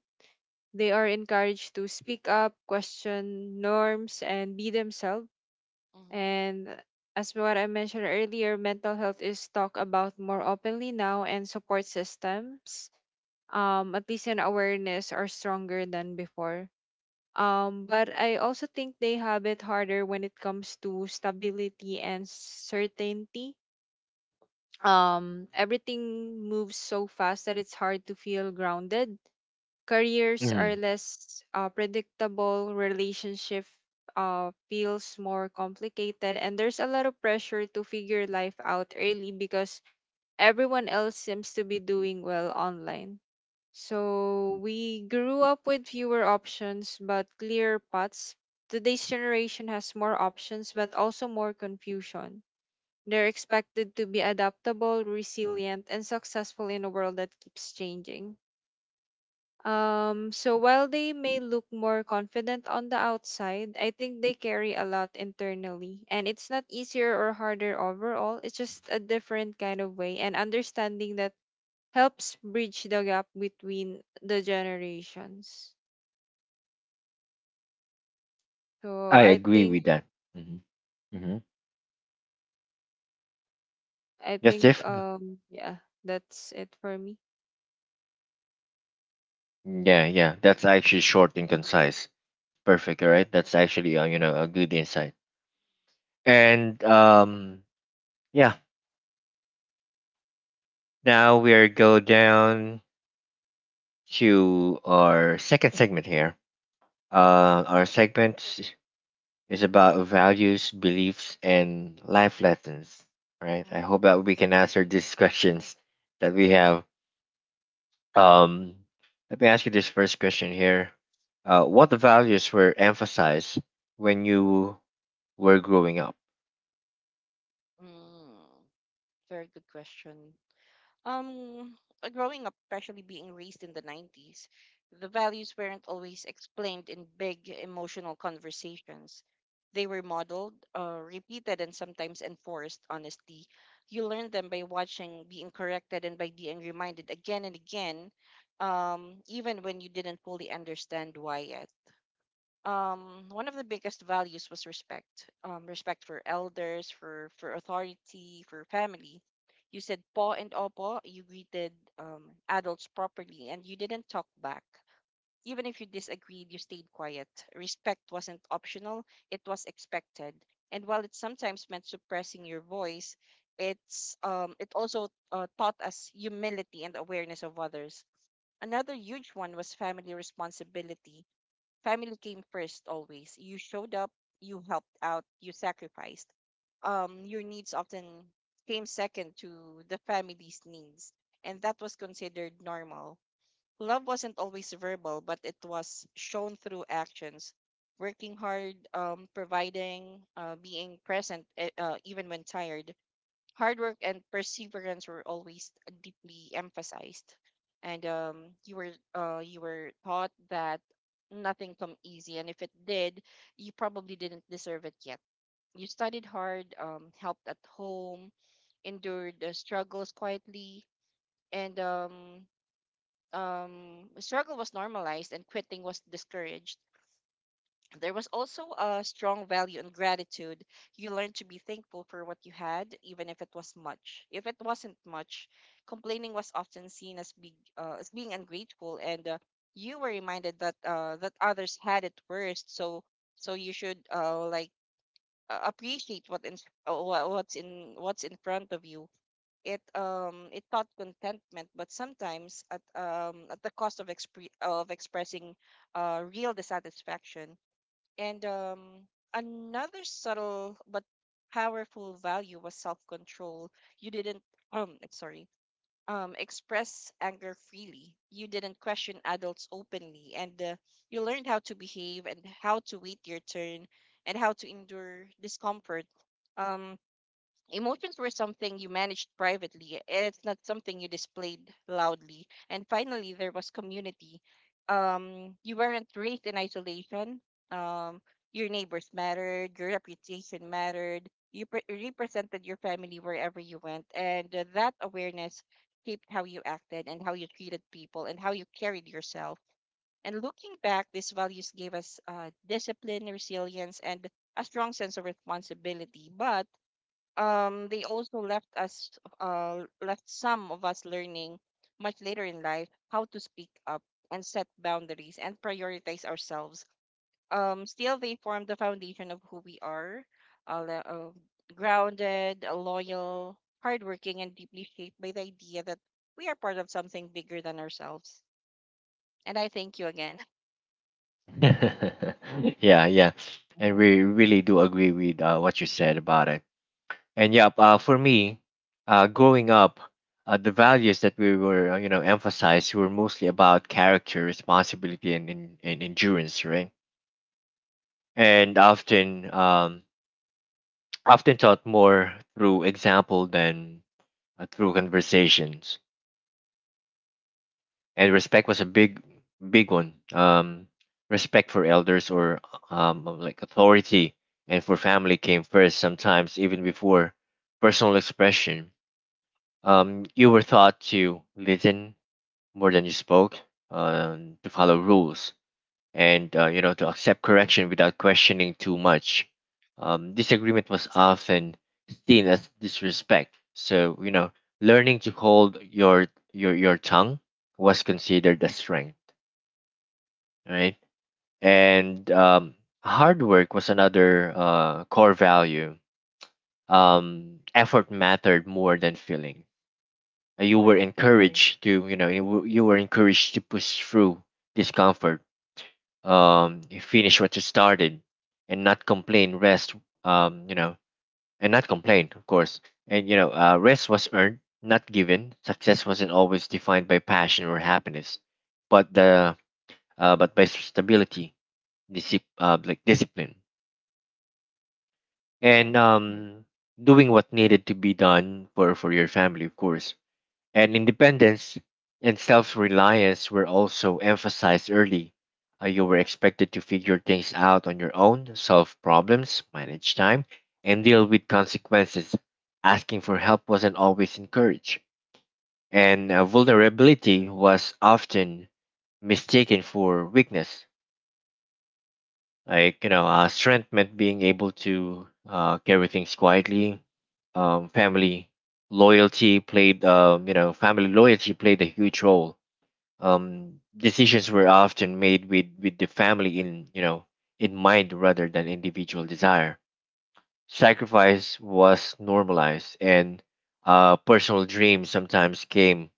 They are encouraged to speak up, question norms, and be themselves.
mm-hmm,
And as what I mentioned earlier, mental health is talked about more openly now, and support systems, um, at least in awareness, are stronger than before. Um, but I also think they have it harder when it comes to stability and certainty. Um, everything moves so fast that it's hard to feel grounded. Careers are
Mm,
less uh, predictable, relationship uh, feels more complicated, and there's a lot of pressure to figure life out early because everyone else seems to be doing well online. So we grew up with fewer options but clear paths. Today's generation has more options but also more confusion. They're expected to be adaptable, resilient, and successful in a world that keeps changing. Um, so while they may look more confident on the outside, I think they carry a lot internally. And it's not easier or harder overall, it's just a different kind of way. And understanding that helps bridge the gap between the generations. So
I
I
agree with
think,
that. Mm-hmm. Mm-hmm.
I
Yes,
right.
think,
Tiff.
um, yeah, that's it for me.
Yeah, yeah. That's actually short and concise. Perfect. All right. That's actually uh, you know a good insight. And um, yeah, now we are go down to our second segment here. Uh, our segment is about values, beliefs, and life lessons. Right. I
Mm-hmm.
hope that we can answer these questions that we have. Um, let me ask you this first question here. Uh, what values were emphasized when you were growing up?
Mm. Very good question. Um, uh, Growing up, especially being raised in the nineties, the values weren't always explained in big emotional conversations. They were modeled, uh, repeated, and sometimes enforced, honestly. You learn them by watching, being corrected, and by being reminded again and again, um, even when you didn't fully understand why yet. Um, one of the biggest values was respect. Um, respect for elders, for for authority, for family. You said po and opo. You greeted um, adults properly, and you didn't talk back. Even if you disagreed, you stayed quiet. Respect wasn't optional; it was expected. And while it sometimes meant suppressing your voice, it's um, it also uh, taught us humility and awareness of others. Another huge one was family responsibility. Family came first always. You showed up, you helped out, you sacrificed. Um, your needs often came second to the family's needs, and that was considered normal. Love wasn't always verbal, but it was shown through actions. Working hard, um, providing, uh, being present, e- uh, even when tired. Hard work and perseverance were always deeply emphasized, and um, you were uh, you were taught that nothing come easy, and if it did, you probably didn't deserve it yet. You studied hard, um, helped at home, endured the struggles quietly, and um, um, struggle was normalized, and quitting was discouraged. There was also a strong value in gratitude. You learn to be thankful for what you had, even if it was much. If it wasn't much, complaining was often seen as big, uh, as being ungrateful, and uh, you were reminded that uh, that others had it worse. So, so you should uh, like uh, appreciate what in uh, wha- what's in what's in front of you. It um it taught contentment, but sometimes at um at the cost of expre- of expressing uh real dissatisfaction. And um, Another subtle but powerful value was self-control. You didn't um I'm sorry, um express anger freely. You didn't question adults openly, and uh, you learned how to behave and how to wait your turn and how to endure discomfort. Um, Emotions were something you managed privately, and it's not something you displayed loudly. And finally, there was community. Um, you weren't raised in isolation. Um, your neighbors mattered, your reputation mattered. You pre- represented your family wherever you went, and uh, that awareness shaped how you acted and how you treated people and how you carried yourself. And looking back, these values gave us uh, discipline, resilience, and a strong sense of responsibility. But um they also left us, uh left some of us learning much later in life how to speak up and set boundaries and prioritize ourselves. Um still they form the foundation of who we are, uh, le- uh, grounded, uh, loyal, hardworking, and deeply shaped by the idea that we are part of something bigger than ourselves. And I thank you again.
Yeah, yeah. And
Mhm.
we really do agree with uh, what you said about it. And yep, uh, for me, uh, growing up, uh, the values that we were, uh, you know, emphasized were mostly about character, responsibility, and, and, and endurance, right? And often, um, often taught more through example than uh, through conversations. And respect was a big big one. Um, respect for elders or um like authority, and for family came first, sometimes even before personal expression. Um, you were taught to listen more than you spoke, uh, to follow rules, and uh, you know to accept correction without questioning too much. Um, disagreement was often seen as disrespect, so you know learning to hold your your your tongue was considered a strength, right? And um, hard work was another uh, core value. Um, effort mattered more than feeling. Uh, You were
Right.
Mm-hmm. encouraged to, you know, you, were- you were encouraged to push through discomfort, um, finish what you started, and not complain. Rest, um, you know, and not complain, of course. And you know, uh, rest was earned, not given. Success wasn't always defined by passion or happiness, but the uh, but by stability, disip, uh, like discipline
Right.
and um, doing what needed to be done for, for your family, of course. And independence and self reliance were also emphasized early. Uh, you were expected to figure things out on your own, solve problems, manage time, and deal with consequences. Asking for help wasn't always encouraged, and uh, vulnerability was often mistaken for weakness. Like you know uh, strength meant being able to uh, carry things quietly. um, family loyalty played um, you know Family loyalty played a huge role. Um, decisions were often made with with the family in you know in mind rather than individual desire. Sacrifice was normalized, and uh, personal dreams sometimes came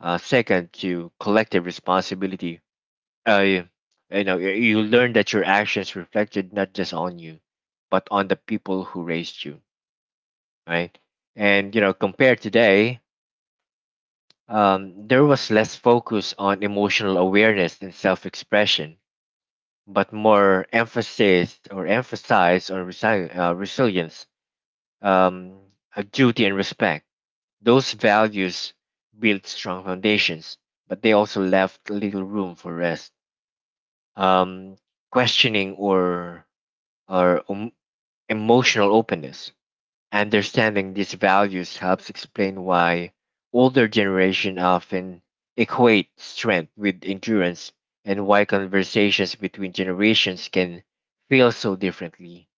uh, second to collective responsibility. Uh, you, you know, you you learn that your actions reflected not just on you, but on the people who raised you, right? And you know, compared today, um, there was less focus on emotional awareness and self-expression, but more emphasis or emphasize on resi- uh, resilience, um, uh, duty, and respect. Those values built strong foundations, but they also left little room for rest, um, questioning, or or em- emotional openness. Understanding these values helps explain why older generation often equate strength with endurance, and why conversations between generations can feel so differently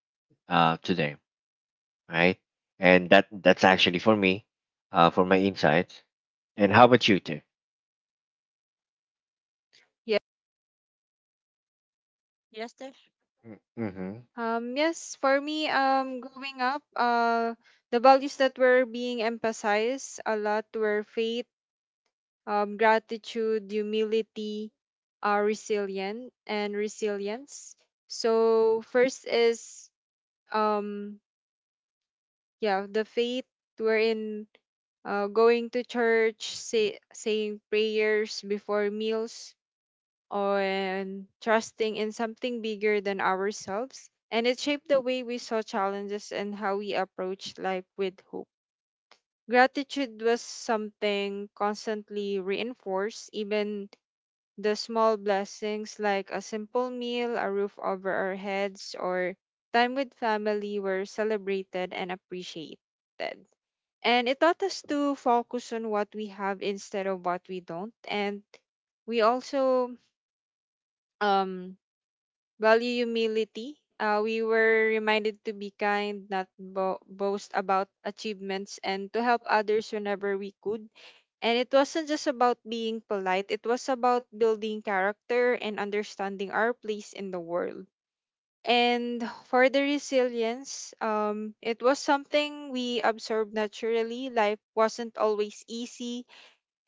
uh, today, right? And that that's actually for me, uh, for my insights. And how about you, Tiff?
Yeah.
Yes, Tish?
Mm-hmm.
Um, yes, for me, um, growing up, uh, the values that were being emphasized a lot were faith, um, gratitude, humility, uh, resilient and resilience. So first is um yeah the faith, wherein uh, going to church, say, saying prayers before meals, and trusting in something bigger than ourselves. And it shaped the way we saw challenges and how we approached life with hope. Gratitude was something constantly reinforced, even the small blessings like a simple meal, a roof over our heads, or time with family were celebrated and appreciated. And it taught us to focus on what we have instead of what we don't. And we also um value humility. Uh, we were reminded to be kind, not bo- boast about achievements, and to help others whenever we could. And it wasn't just about being polite, it was about building character and understanding our place in the world. And for the resilience, um, it was something we absorbed naturally. Life wasn't always easy,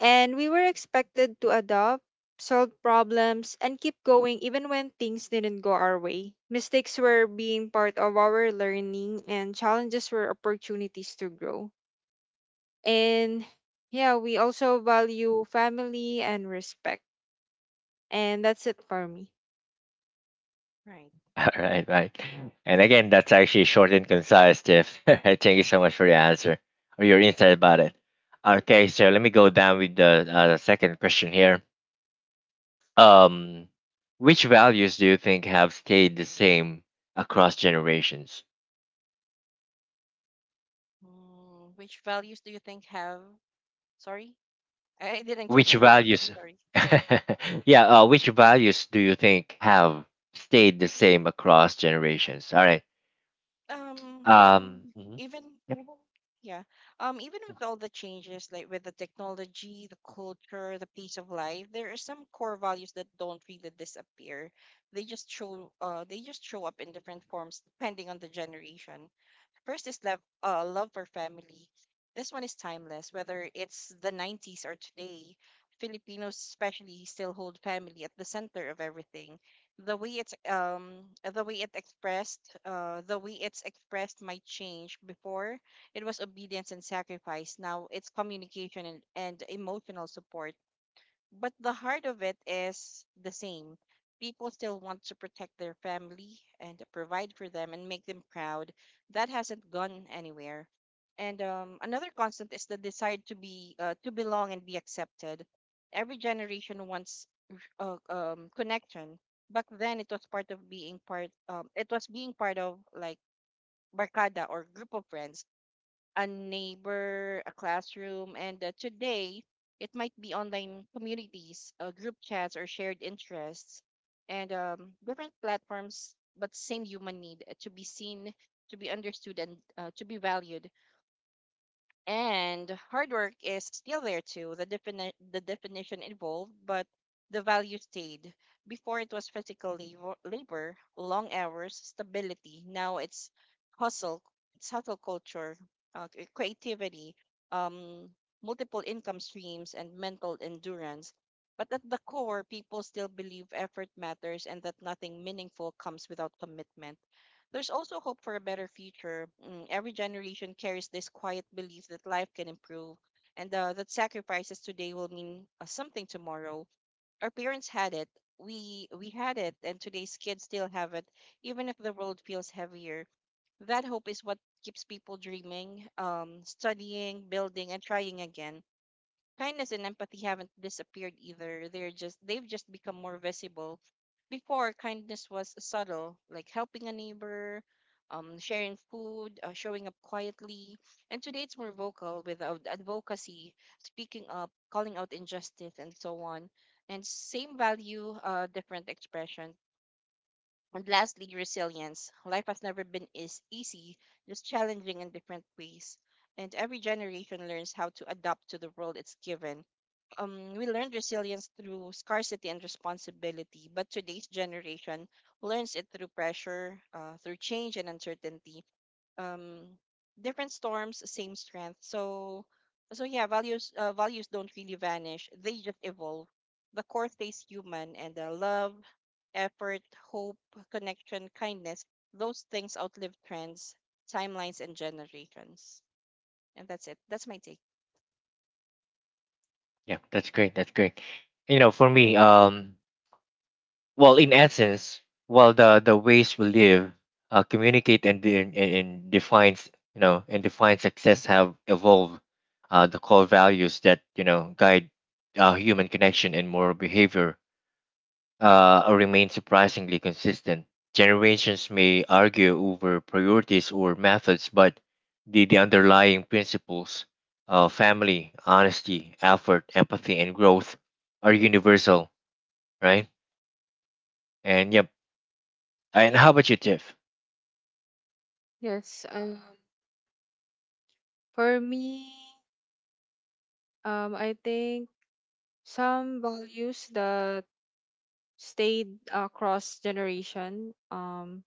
and we were expected to adopt, solve problems, and keep going even when things didn't go our way. Mistakes were being part of our learning, and challenges were opportunities to grow. And yeah, we also value family and respect. And that's it for me.
Right.
All right, right. And again, that's actually short and concise, Jeff. Thank you so much for your answer or your insight about it. Okay, so let me go down with the uh, the second question here. Um, which values do you think have stayed the same across generations?
Mm, which values do you think have, sorry, I didn't catch
Which
the question. I'm
values?
sorry.
Yeah, uh, which values do you think have stayed the same across generations? All right.
Um,
Um, mhm.
even
Yep.
yeah, um, even with all the changes, like with the technology, the culture, the pace of life, there are some core values that don't really disappear. They just show, uh, they just show up in different forms depending on the generation. First is love, uh, love for family. This one is timeless, whether it's the nineties or today. Filipinos especially still hold family at the center of everything. The way it's um the way it expressed uh the way it's expressed might change. Before it was obedience and sacrifice. Now it's communication and, and emotional support, but the heart of it is the same. People still want to protect their family and provide for them and make them proud. That hasn't gone anywhere. And um, Another constant is the desire to be uh, to belong and be accepted. Every generation wants uh, um, connection. Back then, it was part of being part. Um, it was being part of like barcada or group of friends, a neighbor, a classroom, and uh, today it might be online communities, uh, group chats, or shared interests, and um, different platforms, but same human need uh, to be seen, to be understood, and uh, to be valued. And hard work is still there too. The defini- the definition evolved, but the value stayed. Before it was physical labor, labor, long hours, stability. Now it's hustle, it's hustle culture, uh, c- creativity, um, multiple income streams, and mental endurance. But at the core, people still believe effort matters and that nothing meaningful comes without commitment. There's also hope for a better future. Mm, every generation carries this quiet belief that life can improve and uh, that sacrifices today will mean uh, something tomorrow. Our parents had it. We we had it, and today's kids still have it, even if the world feels heavier. That hope is what keeps people dreaming, um, studying, building, and trying again. Kindness and empathy haven't disappeared either. They're just they've just become more visible. Before, kindness was subtle, like helping a neighbor, um, sharing food, uh, showing up quietly. And today it's more vocal with ad- advocacy, speaking up, calling out injustice, and so on. And same value, uh, different expression. And lastly, resilience. Life has never been is easy, just challenging in different ways. And every generation learns how to adapt to the world it's given. Um, we learned resilience through scarcity and responsibility, but today's generation learns it through pressure, uh, through change and uncertainty. Um, Different storms, same strength. So, so yeah, values uh, values don't really vanish; they just evolve. The core stays human, and the love, effort, hope, connection, kindness, those things outlive trends, timelines, and generations. And that's it. That's my take.
Yeah, that's great. That's great. You know, for me, um, well in essence, well the the ways we live, uh, communicate, and, de- and and defines you know and define success have evolved. Uh, the core values that you know guide uh, human connection and moral behavior uh, remain surprisingly consistent. Generations may argue over priorities or methods, but the, the underlying principles, uh, family, honesty, effort, empathy, and growth are universal, right? And yep. And how about you, Tiff?
Yes, um, for me, um, I think some values that stayed across generation. Um,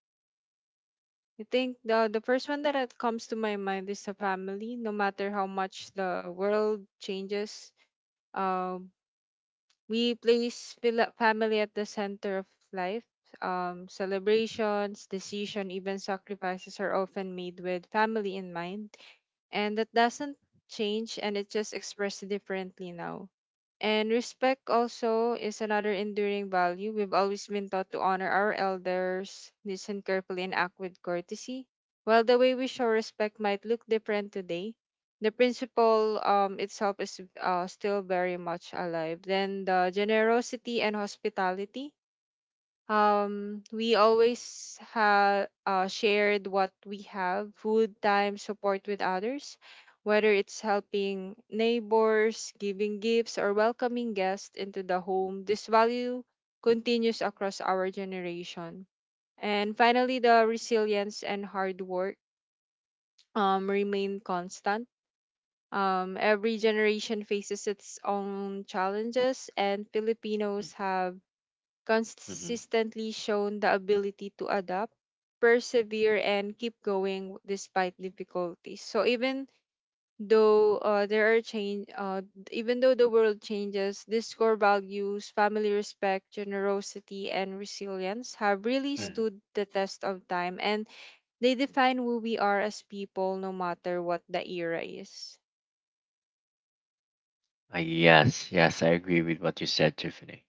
I think the the first one that uh, comes to my mind is the family. No matter how much the world changes, um, we place fila- family at the center of life. Um, celebrations, decision, even sacrifices are often made with family in mind, and that doesn't change, and it's just expressed differently now. And respect also is another enduring value. We've always been taught to honor our elders, listen carefully, and act with courtesy. While the way we show respect might look different today, the principle um, itself is uh, still very much alive. Then the generosity and hospitality, um we always have uh, shared what we have, food, time, support with others, whether it's helping neighbors, giving gifts, or welcoming guests into the home. This value continues across our generation. And finally the resilience and hard work um, remain constant. Um, every generation faces its own challenges, and Filipinos have
Mm-hmm.
consistently shown the ability to adapt, persevere, and keep going despite difficulties. So even though uh, there are change, uh, even though the world changes, these core values, family, respect, generosity, and resilience have really
Mhm.
stood the test of time, and they define who we are as people, no matter what the era is.
Yes, yes, I agree with what you said, Tiffany.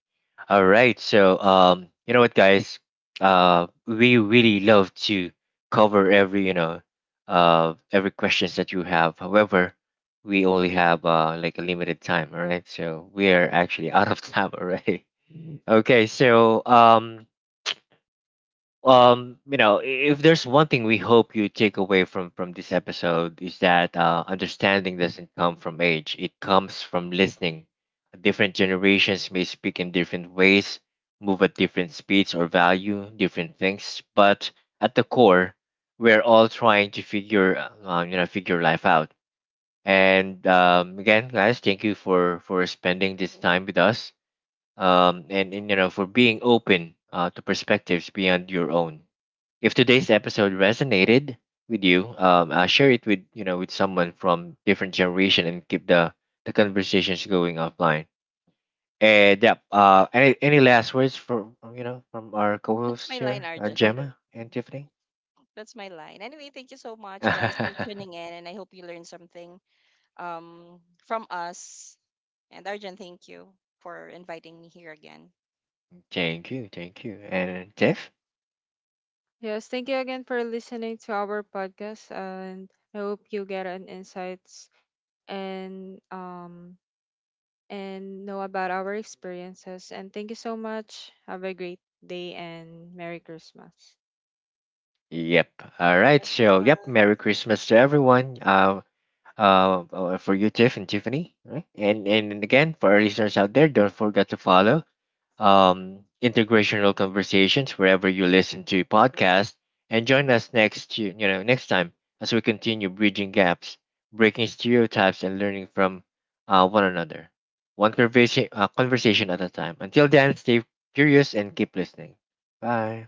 All right, so um, you know what, guys? Uh, we really love to cover every, you know, uh, every questions that you have. However, we only have uh like a limited time. All right, so we are actually out of time already. Okay, so um, um you know if there's one thing we hope you take away from from this episode, is that uh, understanding doesn't come from age, it comes from listening. Different generations may speak in different ways, move at different speeds, or value different things, but at the core, we're all trying to figure uh, you know figure life out. And um, again guys, thank you for for spending this time with us. Um and, and you know, for being open uh, to perspectives beyond your own. If today's episode resonated with you, um, uh, share it with you know with someone from different generation and keep the the conversations going offline. And yeah, uh, any any last words from you know from our
That's
co-hosts
my line,
here, uh,
Arjun.
Gemma and Tiffany?
That's my line. Anyway, thank you so much, guys, for tuning in, and I hope you learned something, um, from us. And Arjun, thank you for inviting me here again.
Thank you, thank you, and Tiff.
Yes, thank you again for listening to our podcast, and I hope you get an insight and um and know about our experiences. And thank you so much. Have a great day and Merry Christmas.
Yep. All right.
Merry
So
Christmas.
yep. Merry Christmas to everyone. Uh, uh, uh, for you, Tiff and Tiffany. Right. And and again, for our listeners out there, don't forget to follow um, integrational conversations wherever you listen to podcasts, and join us next you you know next time as we continue bridging gaps, breaking stereotypes, and learning from uh, one another, one conversation uh, conversation at a time. Until then, stay curious and keep listening. Bye.